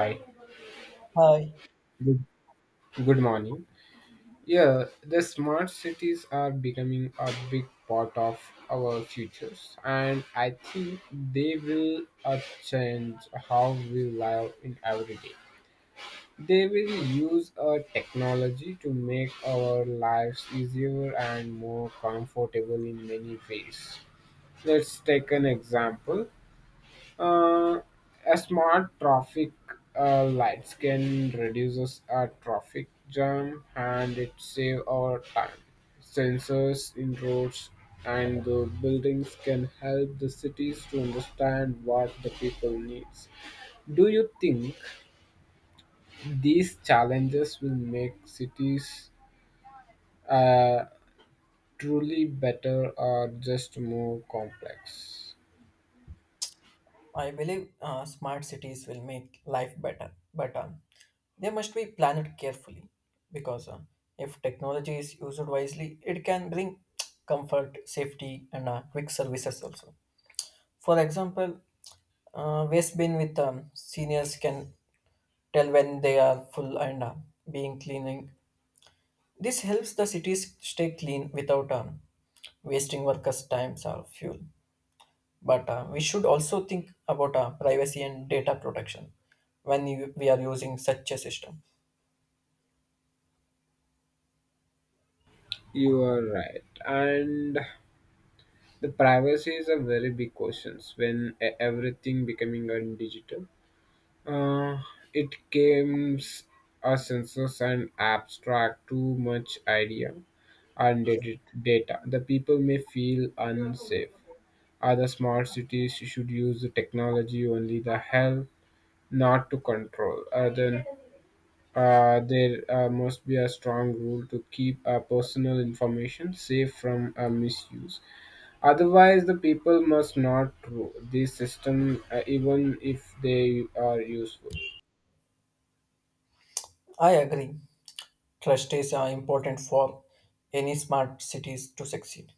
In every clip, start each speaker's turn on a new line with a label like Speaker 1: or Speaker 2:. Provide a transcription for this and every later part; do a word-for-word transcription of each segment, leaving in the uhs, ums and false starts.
Speaker 1: Hi,
Speaker 2: Hi.
Speaker 1: good, good morning. Yeah, the smart cities are becoming a big part of our futures, and I think they will uh, change how we live in every day. They will use uh, technology to make our lives easier and more comfortable in many ways. Let's take an example. Uh, a smart traffic uh, light can reduces a traffic jam and it save our time. Sensors in roads and the buildings can help the cities to understand what the people needs. Do you think these challenges will make cities uh, truly better or just more complex?
Speaker 2: I believe uh, smart cities will make life better, but um, they must be planned carefully because uh, if technology is used wisely, it can bring comfort, safety, and uh, quick services also. For example, uh, waste bin with um, seniors can tell when they are full and uh, being cleaning. This helps the cities stay clean without um, wasting workers' times or fuel. But uh, we should also think about uh, privacy and data protection when you, we are using such a system.
Speaker 1: You are right, and the privacy is a very big question when e- everything becoming a digital. Uh, it games a census and abstract too much idea and dat- data. The people may feel unsafe. Other smart cities should use the technology only the help, not to control. Uh, then uh, there uh, must be a strong rule to keep uh, personal information safe from uh, misuse. Otherwise, the people must not rule the system uh, even if they are useful.
Speaker 2: I agree. Trust is uh, important for any smart cities to succeed.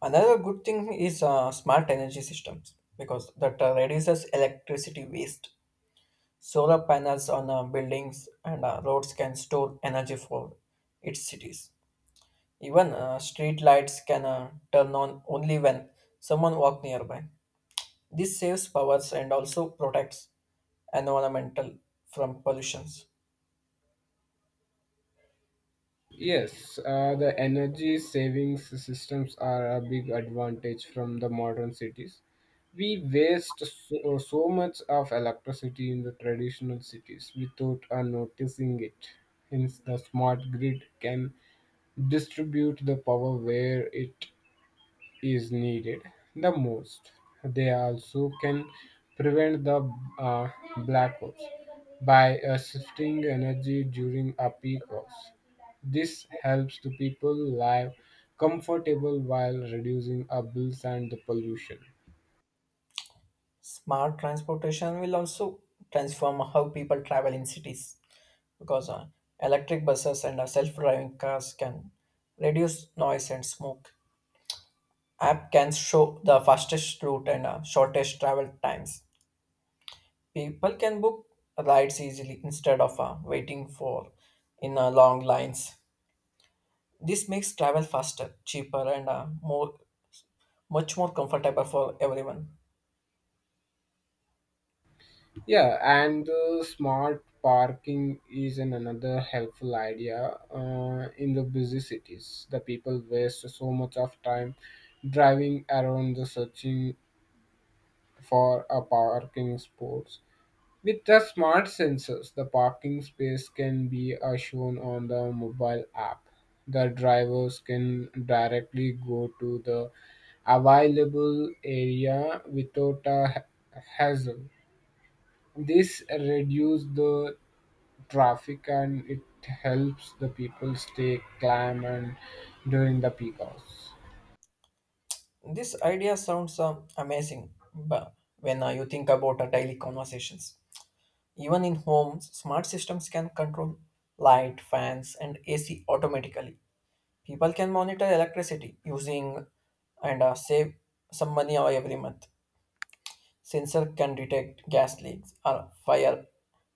Speaker 2: Another good thing is uh, smart energy systems because that uh, reduces electricity waste. Solar panels on uh, buildings and uh, roads can store energy for its cities. Even uh, street lights can uh, turn on only when someone walks nearby. This saves powers and also protects environmental from pollutions.
Speaker 1: Yes, uh, the energy savings systems are a big advantage from the modern cities. We waste so, so much of electricity in the traditional cities without uh, noticing it. Hence, the smart grid can distribute the power where it is needed the most. They also can prevent the uh, blackouts by uh, shifting energy during a peak hours. This helps the people live comfortable while reducing our bills and the pollution.
Speaker 2: Smart transportation will also transform how people travel in cities because uh, electric buses and uh, self-driving cars can reduce noise and smoke. App can show the fastest route and uh, shortest travel times. People can book rides easily instead of uh, waiting for in uh, long lines. This makes travel faster, cheaper, and uh, more much more comfortable for everyone.
Speaker 1: Yeah, and uh, smart parking is an another helpful idea uh, in the busy cities. The people waste so much of time driving around the searching for a parking spot. With the smart sensors, the parking space can be uh, shown on the mobile app. The drivers can directly go to the available area without a ha- hassle. This reduces the traffic and it helps the people stay calm and during the peak hours.
Speaker 2: This idea sounds uh, amazing, but when uh, you think about uh, daily conversations, even in homes, smart systems can control light, fans, and A C automatically. People can monitor electricity using and uh, save some money uh, every month. Sensor can detect gas leaks or fire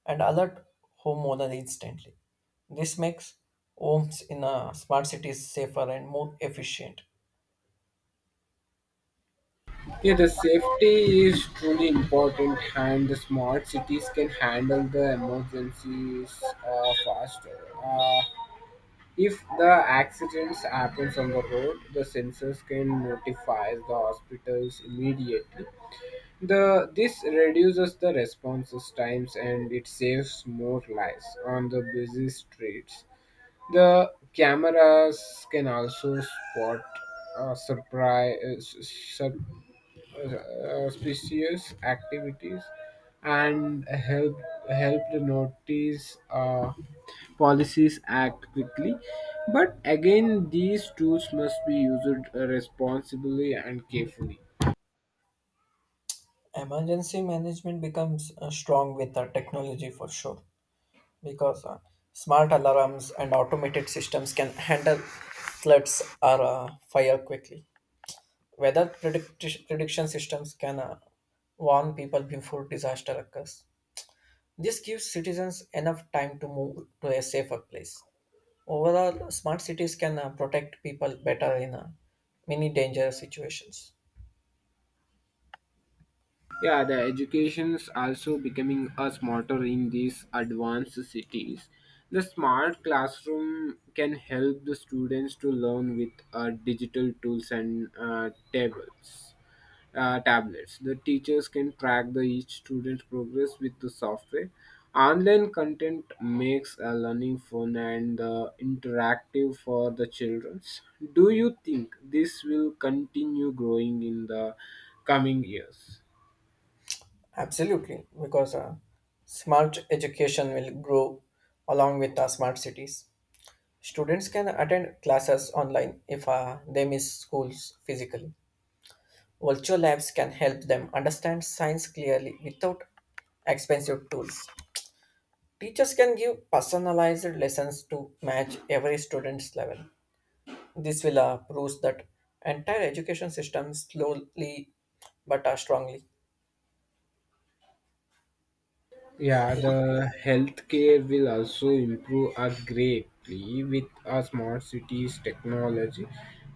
Speaker 2: and alert homeowner instantly. This makes homes in uh, smart cities safer and more efficient.
Speaker 1: Yeah, the safety is truly important, and the smart cities can handle the emergencies uh, faster. Uh, if the accidents happens on the road, the sensors can notify the hospitals immediately. The this reduces the responses times and it saves more lives on the busy streets. The cameras can also spot uh, surprise uh, auspicious activities and help help the notice uh, policies act quickly, but again these tools must be used uh, responsibly and carefully.
Speaker 2: Emergency management becomes uh, strong with uh, technology for sure because uh, smart alarms and automated systems can handle floods or uh, fire quickly. Weather predict- prediction systems can uh, warn people before disaster occurs. This gives citizens enough time to move to a safer place. Overall, smart cities can uh, protect people better in uh, many dangerous situations.
Speaker 1: Yeah, the education is also becoming a smarter in these advanced cities. The smart classroom can help the students to learn with uh, digital tools and uh, tables uh, tablets. The teachers can track the each student's progress with the software. Online content makes uh, learning fun and uh, interactive for the children. Do you think this will continue growing in the coming years?
Speaker 2: Absolutely, because uh, smart education will grow along with uh, smart cities. Students can attend classes online if uh, they miss schools physically. Virtual labs can help them understand science clearly without expensive tools. Teachers can give personalized lessons to match every student's level. This will uh, prove that entire education system slowly but uh, strongly.
Speaker 1: Yeah, the healthcare will also improve us greatly with our smart cities technology.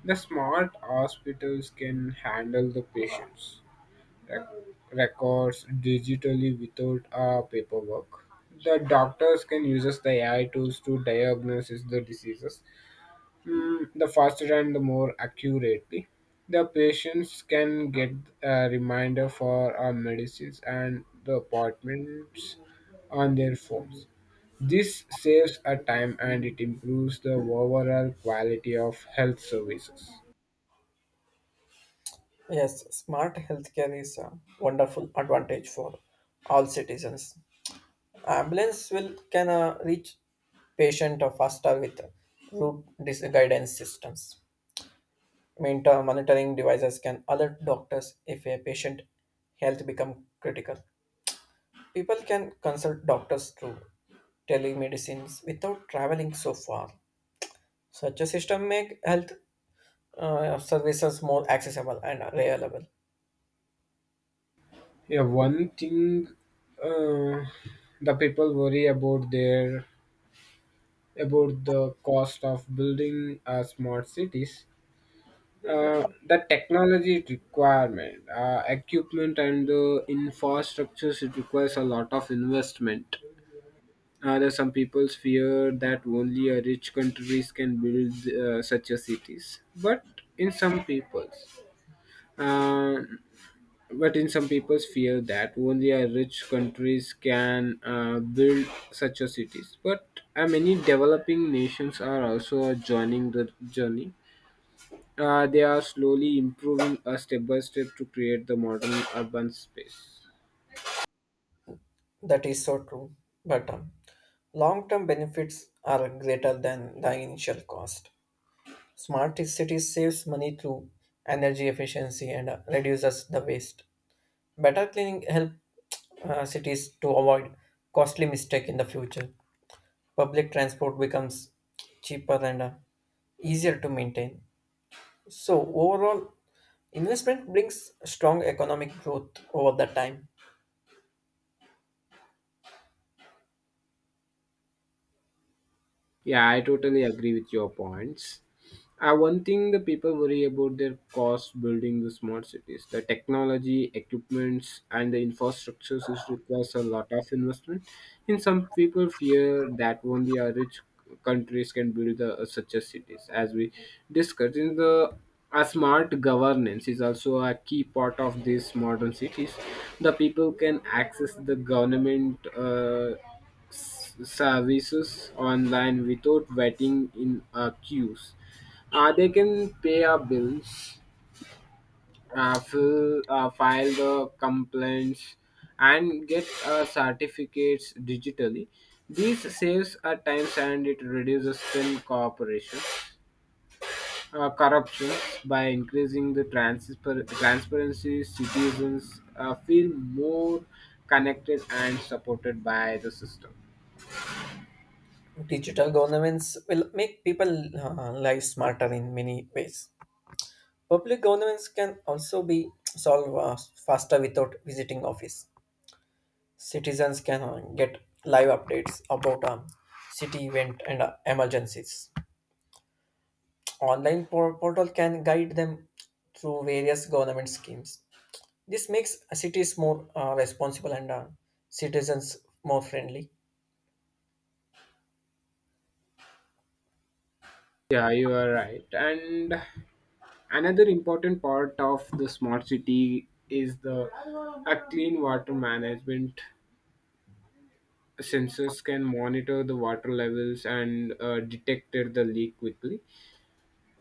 Speaker 1: The smart hospitals can handle the patients rec- records digitally without uh, paperwork. The doctors can use the A I tools to diagnose the diseases mm, the faster and the more accurately. The patients can get a reminder for our medicines and the appointments on their phones. This saves a time and it improves the overall quality of health services.
Speaker 2: Yes, smart healthcare is a wonderful advantage for all citizens. Ambulance will can uh, reach patient uh, faster with route dis- guidance systems. Monitor monitoring devices can alert doctors if a patient health become critical. People can consult doctors through telemedicines without traveling so far. Such a system make health uh, services more accessible and available.
Speaker 1: Yeah, one thing uh, the people worry about their about the cost of building uh, smart cities, uh, the technology requirement, uh, equipment, and the infrastructures. It requires a lot of investment. Uh, there are some people fear that only a rich countries can build uh, such a cities, but in some peoples. Uh, But in some people's fear that only a rich countries can uh, build such a cities. But uh, many developing nations are also joining the journey. Uh, they are slowly improving uh, step by step to create the modern urban space.
Speaker 2: That is so true. But um, long term benefits are greater than the initial cost. Smart cities saves money through energy efficiency and uh, reduces the waste. Better cleaning help uh, cities to avoid costly mistake in the future. Public transport becomes cheaper and uh, easier to maintain. So overall, investment brings strong economic growth over the time.
Speaker 1: Yeah, I totally agree with your points. Uh, one thing the people worry about their cost building the smart cities. The technology, equipments, and the infrastructures is requires a lot of investment. And some people fear that only our rich countries can build the, uh, such a cities. As we discussed in the a smart governance is also a key part of these modern cities. The people can access the government. Uh, s- services online without waiting in uh, queues. Uh, they can pay our bills, uh, fill, uh, file the complaints, and get uh, certificates digitally. This saves our time and it reduces spin cooperation, uh, corruption by increasing the transfer- transparency. Citizens uh, feel more connected and supported by the system.
Speaker 2: Digital governments will make people uh, lives smarter in many ways. Public governance can also be solved uh, faster without visiting office. Citizens can uh, get live updates about um, city event and uh, emergencies. Online por- portal can guide them through various government schemes. This makes cities more uh, responsible and uh, citizens more friendly.
Speaker 1: Yeah, you are right. And another important part of the smart city is the a clean water management. Sensors can monitor the water levels and uh, detect the leak quickly.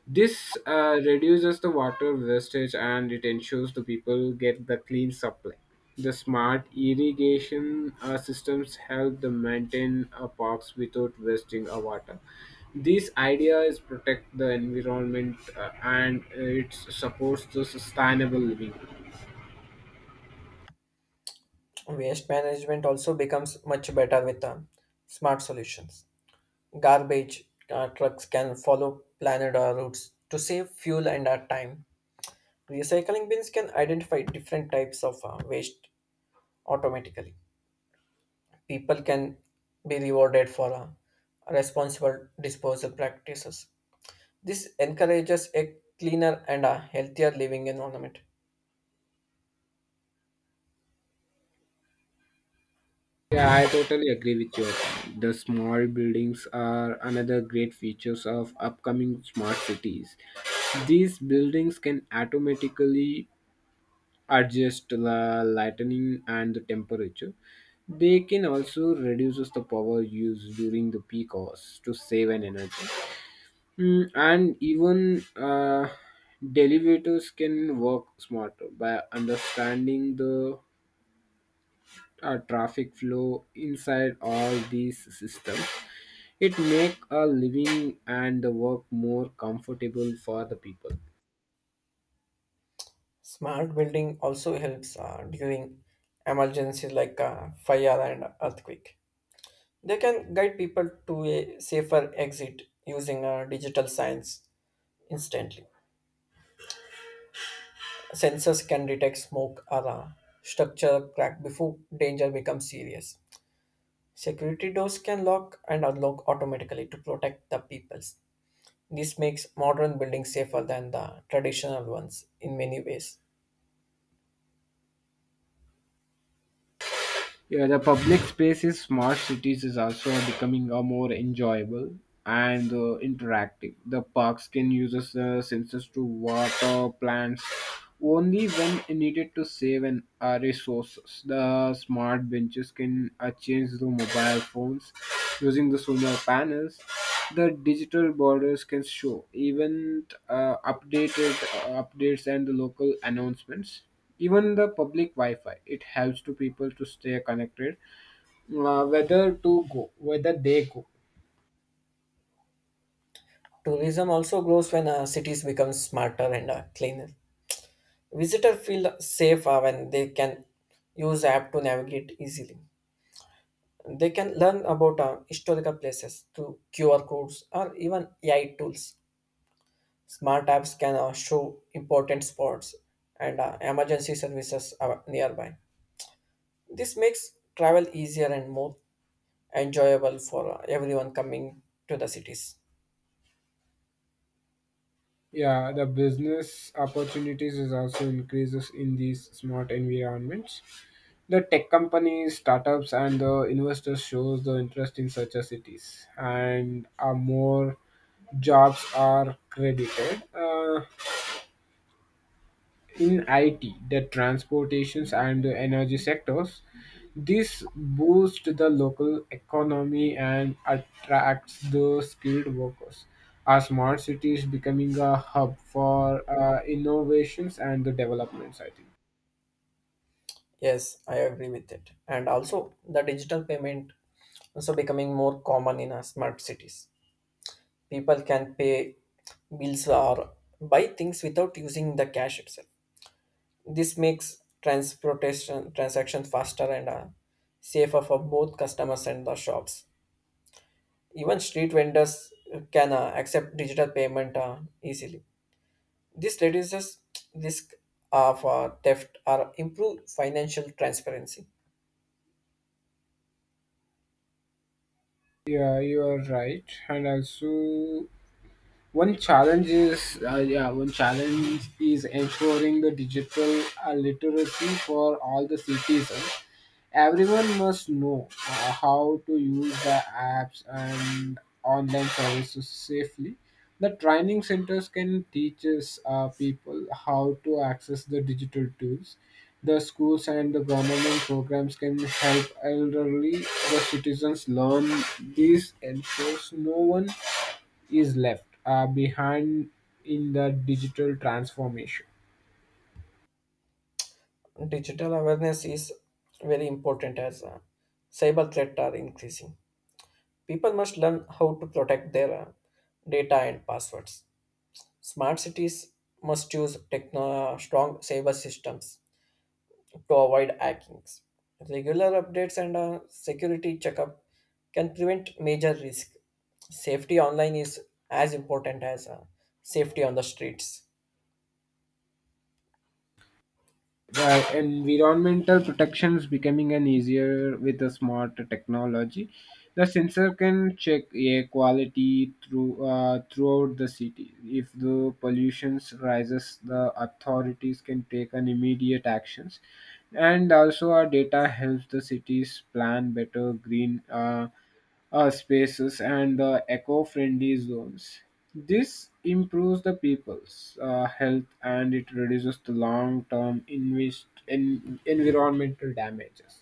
Speaker 1: This uh, reduces the water wastage and it ensures the people get the clean supply. The smart irrigation uh, systems help the maintain uh, parks without wasting a water. This idea is protect the environment uh, and it supports the sustainable living.
Speaker 2: Waste management also becomes much better with um, smart solutions. Garbage uh, trucks can follow planned uh, routes to save fuel and uh, time. Recycling bins can identify different types of uh, waste automatically. People can be rewarded for uh, responsible disposal practices. This encourages a cleaner and a healthier living environment.
Speaker 1: Yeah, I totally agree with you. The small buildings are another great features of upcoming smart cities. These buildings can automatically adjust the lighting and the temperature. They can also reduce the power used during the peak hours to save an energy. Mm, and even uh, delivators can work smarter by understanding the uh, traffic flow inside all these systems. It make a living and the work more comfortable for the people.
Speaker 2: Smart building also helps uh, during emergencies like uh, fire and earthquake. They can guide people to a safer exit using uh, digital signs instantly. Sensors can detect smoke alarm structure crack before danger becomes serious. Security doors can lock and unlock automatically to protect the peoples. This makes modern buildings safer than the traditional ones in many ways.
Speaker 1: Yeah, the public space in smart cities is also becoming a more enjoyable and uh, interactive. The parks can use the sensors to water plants only when needed to save and uh, resources. The smart benches can uh, change the mobile phones using the solar panels. The digital borders can show event uh, updated uh, updates and the local announcements, even the public wi-fi it helps to people to stay connected, uh, whether to go whether they go.
Speaker 2: Tourism also grows when uh, cities become smarter and uh, cleaner. Visitors feel safer when they can use app to navigate easily. They can learn about uh, historical places through Q R codes or even A I tools. Smart apps can uh, show important spots and uh, emergency services are nearby. This makes travel easier and more enjoyable for uh, everyone coming to the cities.
Speaker 1: Yeah, the business opportunities is also increases in these smart environments. The tech companies, startups, and the investors shows the interest in such a cities, and are more jobs are credited uh, in I T, the transportations and the energy sectors. This boosts the local economy and attracts the skilled workers. Our smart city is becoming a hub for uh, innovations and the developments, I think.
Speaker 2: Yes, I agree with it. And also, the digital payment also becoming more common in uh, smart cities. People can pay bills or buy things without using the cash itself. This makes transportation transactions faster and uh, safer for both customers and the shops. Even street vendors can uh, accept digital payment uh, easily. This reduces risk of uh, theft or improve financial transparency.
Speaker 1: Yeah, you are right. And also, one challenge is uh, yeah, one challenge is ensuring the digital uh, literacy for all the citizens. Everyone must know uh, how to use the apps and online services safely. The training centers can teach us, uh, people how to access the digital tools. The schools and the government programs can help elderly the citizens learn this, ensures no one is left uh, behind in the digital transformation.
Speaker 2: Digital awareness is very important as uh, cyber threats are increasing. People must learn how to protect their uh, data and passwords. Smart cities must use techno- strong cyber systems to avoid hackings. Regular updates and a security checkup can prevent major risk. Safety online is as important as uh, safety on the streets.
Speaker 1: The environmental protection is becoming an easier with a smart technology. The sensor can check air quality through uh, throughout the city. If the pollution rises, the authorities can take an immediate actions. And also, our data helps the cities plan better green. Uh, uh, spaces and the eco-friendly zones. This improves the people's uh, health and it reduces the long-term invest- en- environmental damages.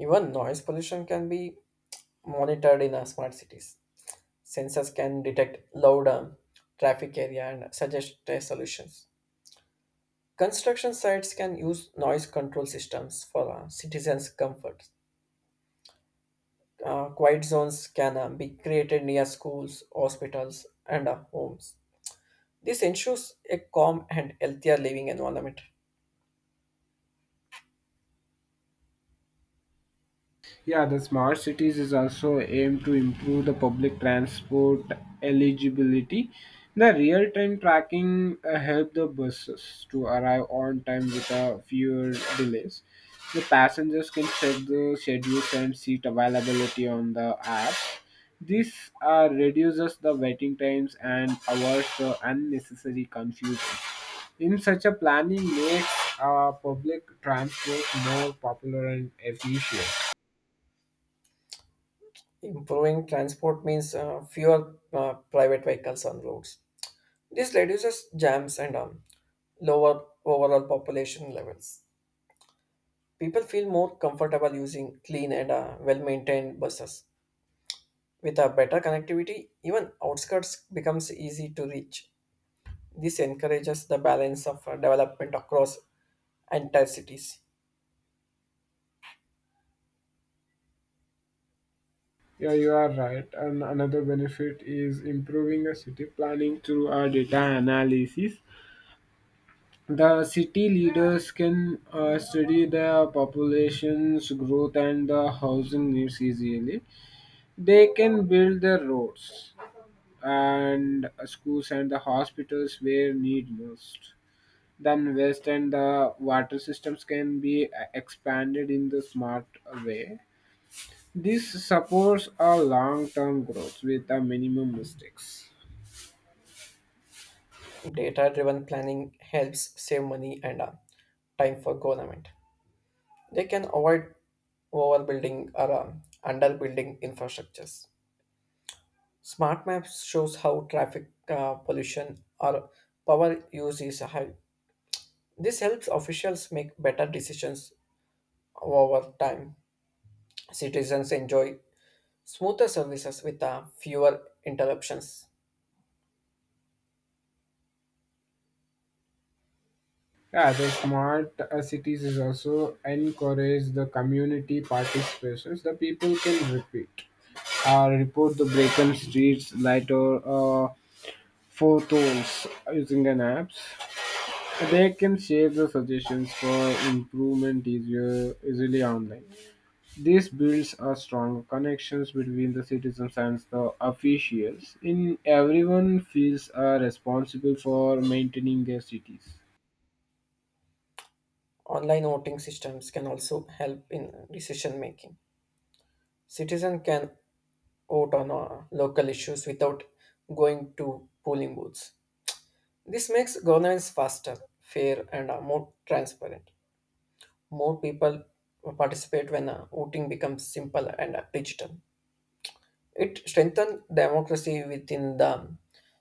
Speaker 2: Even noise pollution can be monitored in uh, smart cities. Sensors can detect loud um, traffic area and suggest uh, solutions. Construction sites can use noise control systems for uh, citizens' comfort. Uh, quiet zones can uh, be created near schools, hospitals, and uh, homes. This ensures a calm and healthier living environment.
Speaker 1: Yeah, the smart cities is also aimed to improve the public transport eligibility. The real-time tracking uh, help the buses to arrive on time with without fewer delays. The passengers can check the schedules and seat availability on the app. This uh, reduces the waiting times and avoids the unnecessary confusion. In such a planning makes uh, public transport more popular and efficient.
Speaker 2: Improving transport means uh, fewer uh, private vehicles on roads. This reduces jams and um, lower overall population levels. People feel more comfortable using clean and uh, well-maintained buses. With a better connectivity, even outskirts becomes easy to reach. This encourages the balance of uh, development across entire cities.
Speaker 1: Yeah, you are right. And another benefit is improving the city planning through our data analysis. The city leaders can uh, study the population's growth and the housing needs easily. They can build the roads and schools and the hospitals where need most. Then waste and the water systems can be uh, expanded in the smart way. This supports a long-term growth with a minimum mistakes.
Speaker 2: Data driven planning helps save money and uh, time for government. They can avoid overbuilding or uh, underbuilding infrastructures. Smart maps shows how traffic uh, pollution or power use is high. This helps officials make better decisions over time. Citizens enjoy smoother services with uh, fewer interruptions.
Speaker 1: Yeah, the smart uh, cities is also encourage the community participations. The people can repeat or report the broken streets, lighter uh, photos using an apps. They can share the suggestions for improvement easier easily online. This builds a stronger connections between the citizens and the officials. In everyone feels uh, responsible for maintaining their cities.
Speaker 2: Online voting systems can also help in decision making. Citizens can vote on uh, local issues without going to polling booths. This makes governance faster, fair, and uh, more transparent. More people participate when uh, voting becomes simple and uh, digital. It strengthens democracy within the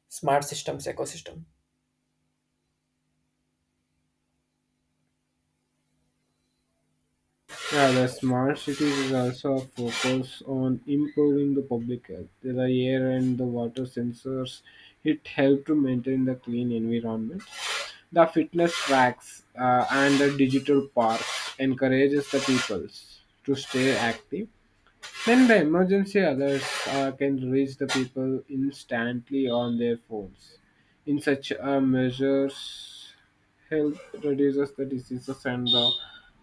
Speaker 2: smart systems ecosystem.
Speaker 1: Yeah, the smart cities is also a focus on improving the public health. The air and the water sensors, it help to maintain the clean environment. The fitness tracks uh, and the digital parks encourages the peoples to stay active. When the emergency others uh, can reach the people instantly on their phones. In such uh, measures, help reduces the diseases and the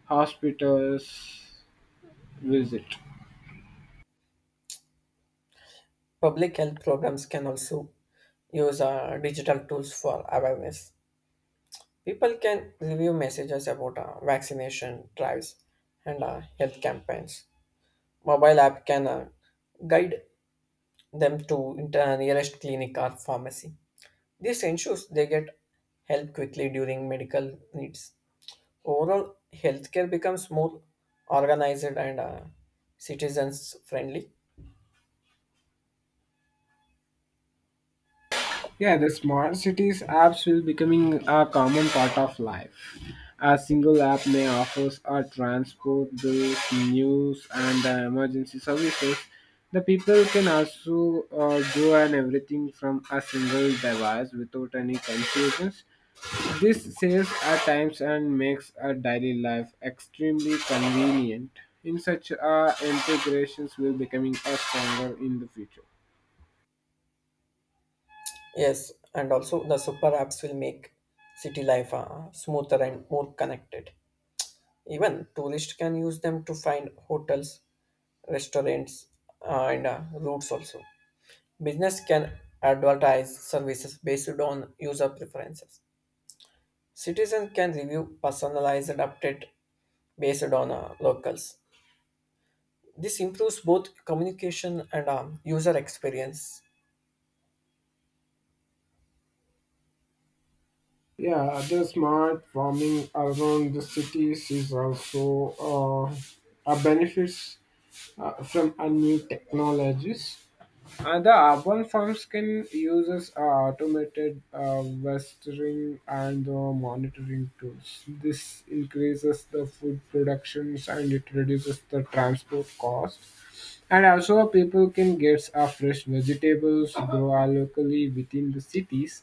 Speaker 1: hospitals visit.
Speaker 2: Public health programs can also use uh, digital tools for awareness. People can review messages about uh, vaccination drives and uh, health campaigns. Mobile app can uh, guide them to inter- uh, nearest clinic or pharmacy. This ensures they get help quickly during medical needs. Overall, healthcare becomes more organized and uh, citizens friendly.
Speaker 1: Yeah, the smart cities apps will becoming a common part of life. A single app may offer our transport bills, news, and uh, emergency services. The people can also uh, do and everything from a single device without any confusions. This saves our times and makes our daily life extremely convenient. In such uh, integrations, will becoming a stronger in the future.
Speaker 2: Yes, and also the super apps will make city life uh, smoother and more connected. Even tourists can use them to find hotels, restaurants, uh, and uh, routes also. Business can advertise services based on user preferences. Citizens can review personalized update based on uh, locals. This improves both communication and um, user experience.
Speaker 1: Yeah, other smart farming around the cities is also uh, a benefits uh, from a new technologies. Uh, the urban farms can uses uh, automated uh, westering and the monitoring tools. This increases the food productions and it reduces the transport cost. And also, people can get uh, fresh vegetables grow uh, locally within the cities.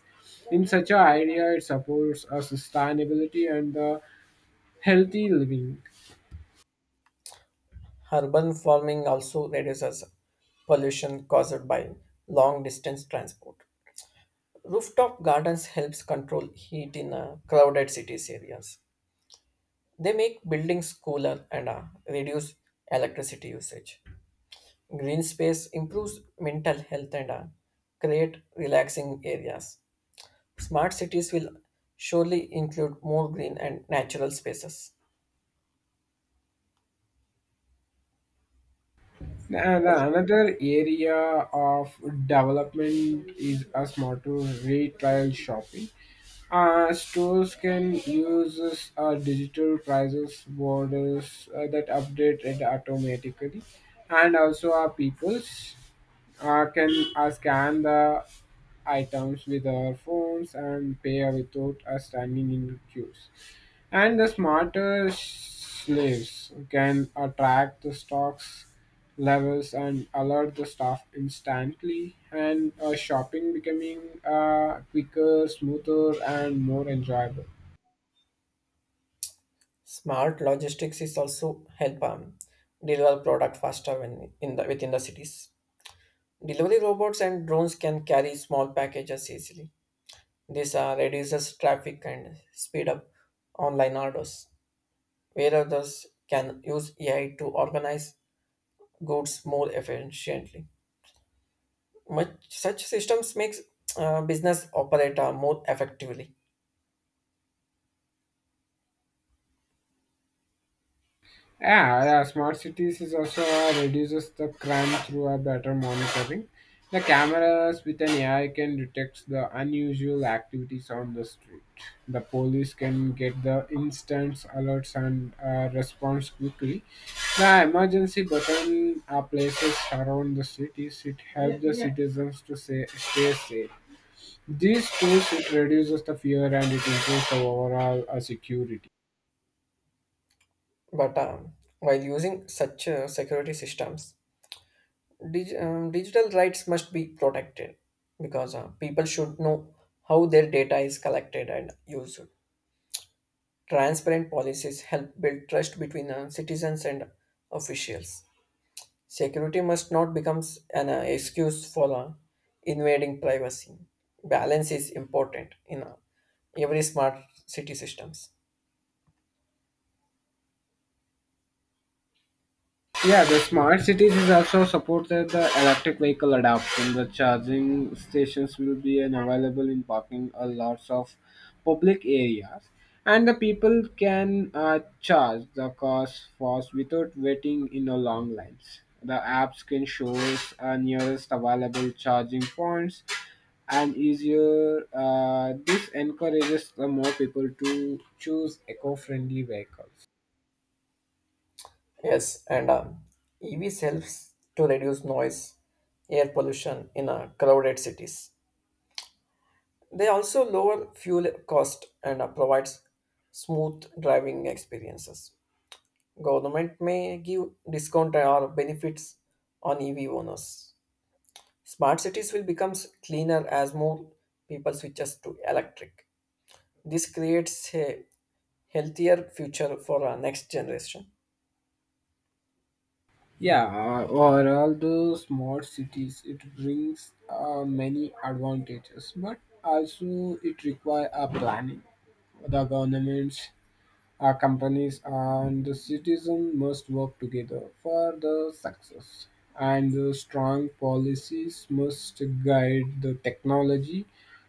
Speaker 1: In such an idea, it supports a sustainability and the healthy living.
Speaker 2: Urban farming also reduces pollution caused by long distance transport. Rooftop gardens helps control heat in uh, crowded cities areas. They make buildings cooler and uh, reduce electricity usage. Green space improves mental health and uh, create relaxing areas. Smart cities will surely include more green and natural spaces.
Speaker 1: And another area of development is a smarter retail shopping. Uh, stores can use uh, digital prices borders uh, that update it automatically, and also our peoples uh, can uh, scan the items with our phones and pay without uh, standing in queues, and the smarter slaves can attract the stocks levels and alert the staff instantly, and uh, shopping becoming uh, quicker, smoother, and more enjoyable.
Speaker 2: Smart logistics is also help um, deliver product faster when in the within the cities. Delivery robots and drones can carry small packages easily. This uh, reduces traffic and speed up online orders, where others can use A I to organize goods more efficiently. Much such systems makes uh, business operate uh, more effectively.
Speaker 1: Yeah, yeah, smart cities is also uh, reduces the crime through a better monitoring. The cameras with an A I can detect the unusual activities on the street. The police can get the instant alerts and uh, response quickly. The emergency button uh, places around the cities. It helps the citizens to say, stay safe. These tools it reduces the fear and it improves the overall uh, security.
Speaker 2: But um, while using such uh, security systems, dig- um, digital rights must be protected because uh, people should know how their data is collected and used. Transparent policies help build trust between uh, citizens and officials. Security must not become an uh, excuse for uh, invading privacy. Balance is important in uh, every smart city systems.
Speaker 1: Yeah, the smart cities is also supported the electric vehicle adoption. The charging stations will be an available in parking a lots of public areas, and the people can uh, charge the cars fast without waiting in a long lines. The apps can show us uh, nearest available charging points and easier. Uh, this encourages the more people to choose eco-friendly vehicles.
Speaker 2: Yes, and um, E Vs helps to reduce noise, air pollution in uh, crowded cities. They also lower fuel cost and uh, provides smooth driving experiences. Government may give discount or benefits on E V owners. Smart cities will become cleaner as more people switches to electric. This creates a healthier future for our next generation.
Speaker 1: Yeah, uh, or all the smart cities, it brings uh, many advantages, but also it requires a planning. The governments, uh, companies, and the citizen must work together for the success. And the strong policies must guide the technology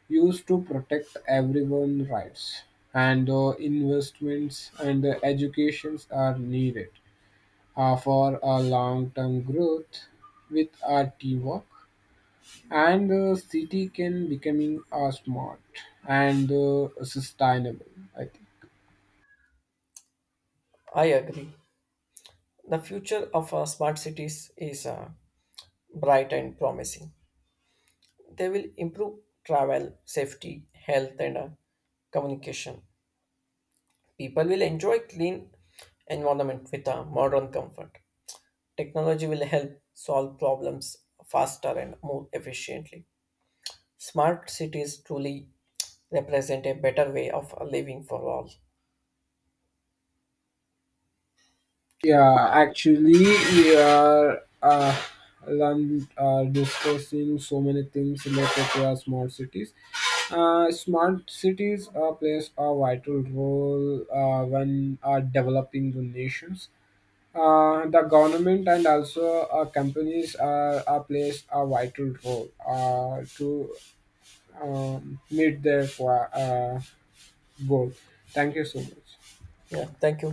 Speaker 1: used to protect everyone's rights. And the investments and the educations are needed uh, for a long-term growth with our teamwork. And the city can becoming uh, smart and uh, sustainable. I think.
Speaker 2: I agree. The future of uh, smart cities is uh, bright and promising. They will improve travel, safety, health, and uh, communication. People will enjoy clean environment with a modern comfort. Technology will help solve problems faster and more efficiently. Smart cities truly represent a better way of living for all.
Speaker 1: Yeah, actually, we are uh, learn, uh, discussing so many things related to our smart cities. Uh, smart cities uh, plays a vital role uh, when uh, developing the nations. Uh, the government and also uh, companies are, are plays a vital role uh, to um, meet their qua- uh, goal. Thank you so much.
Speaker 2: Yeah, thank you.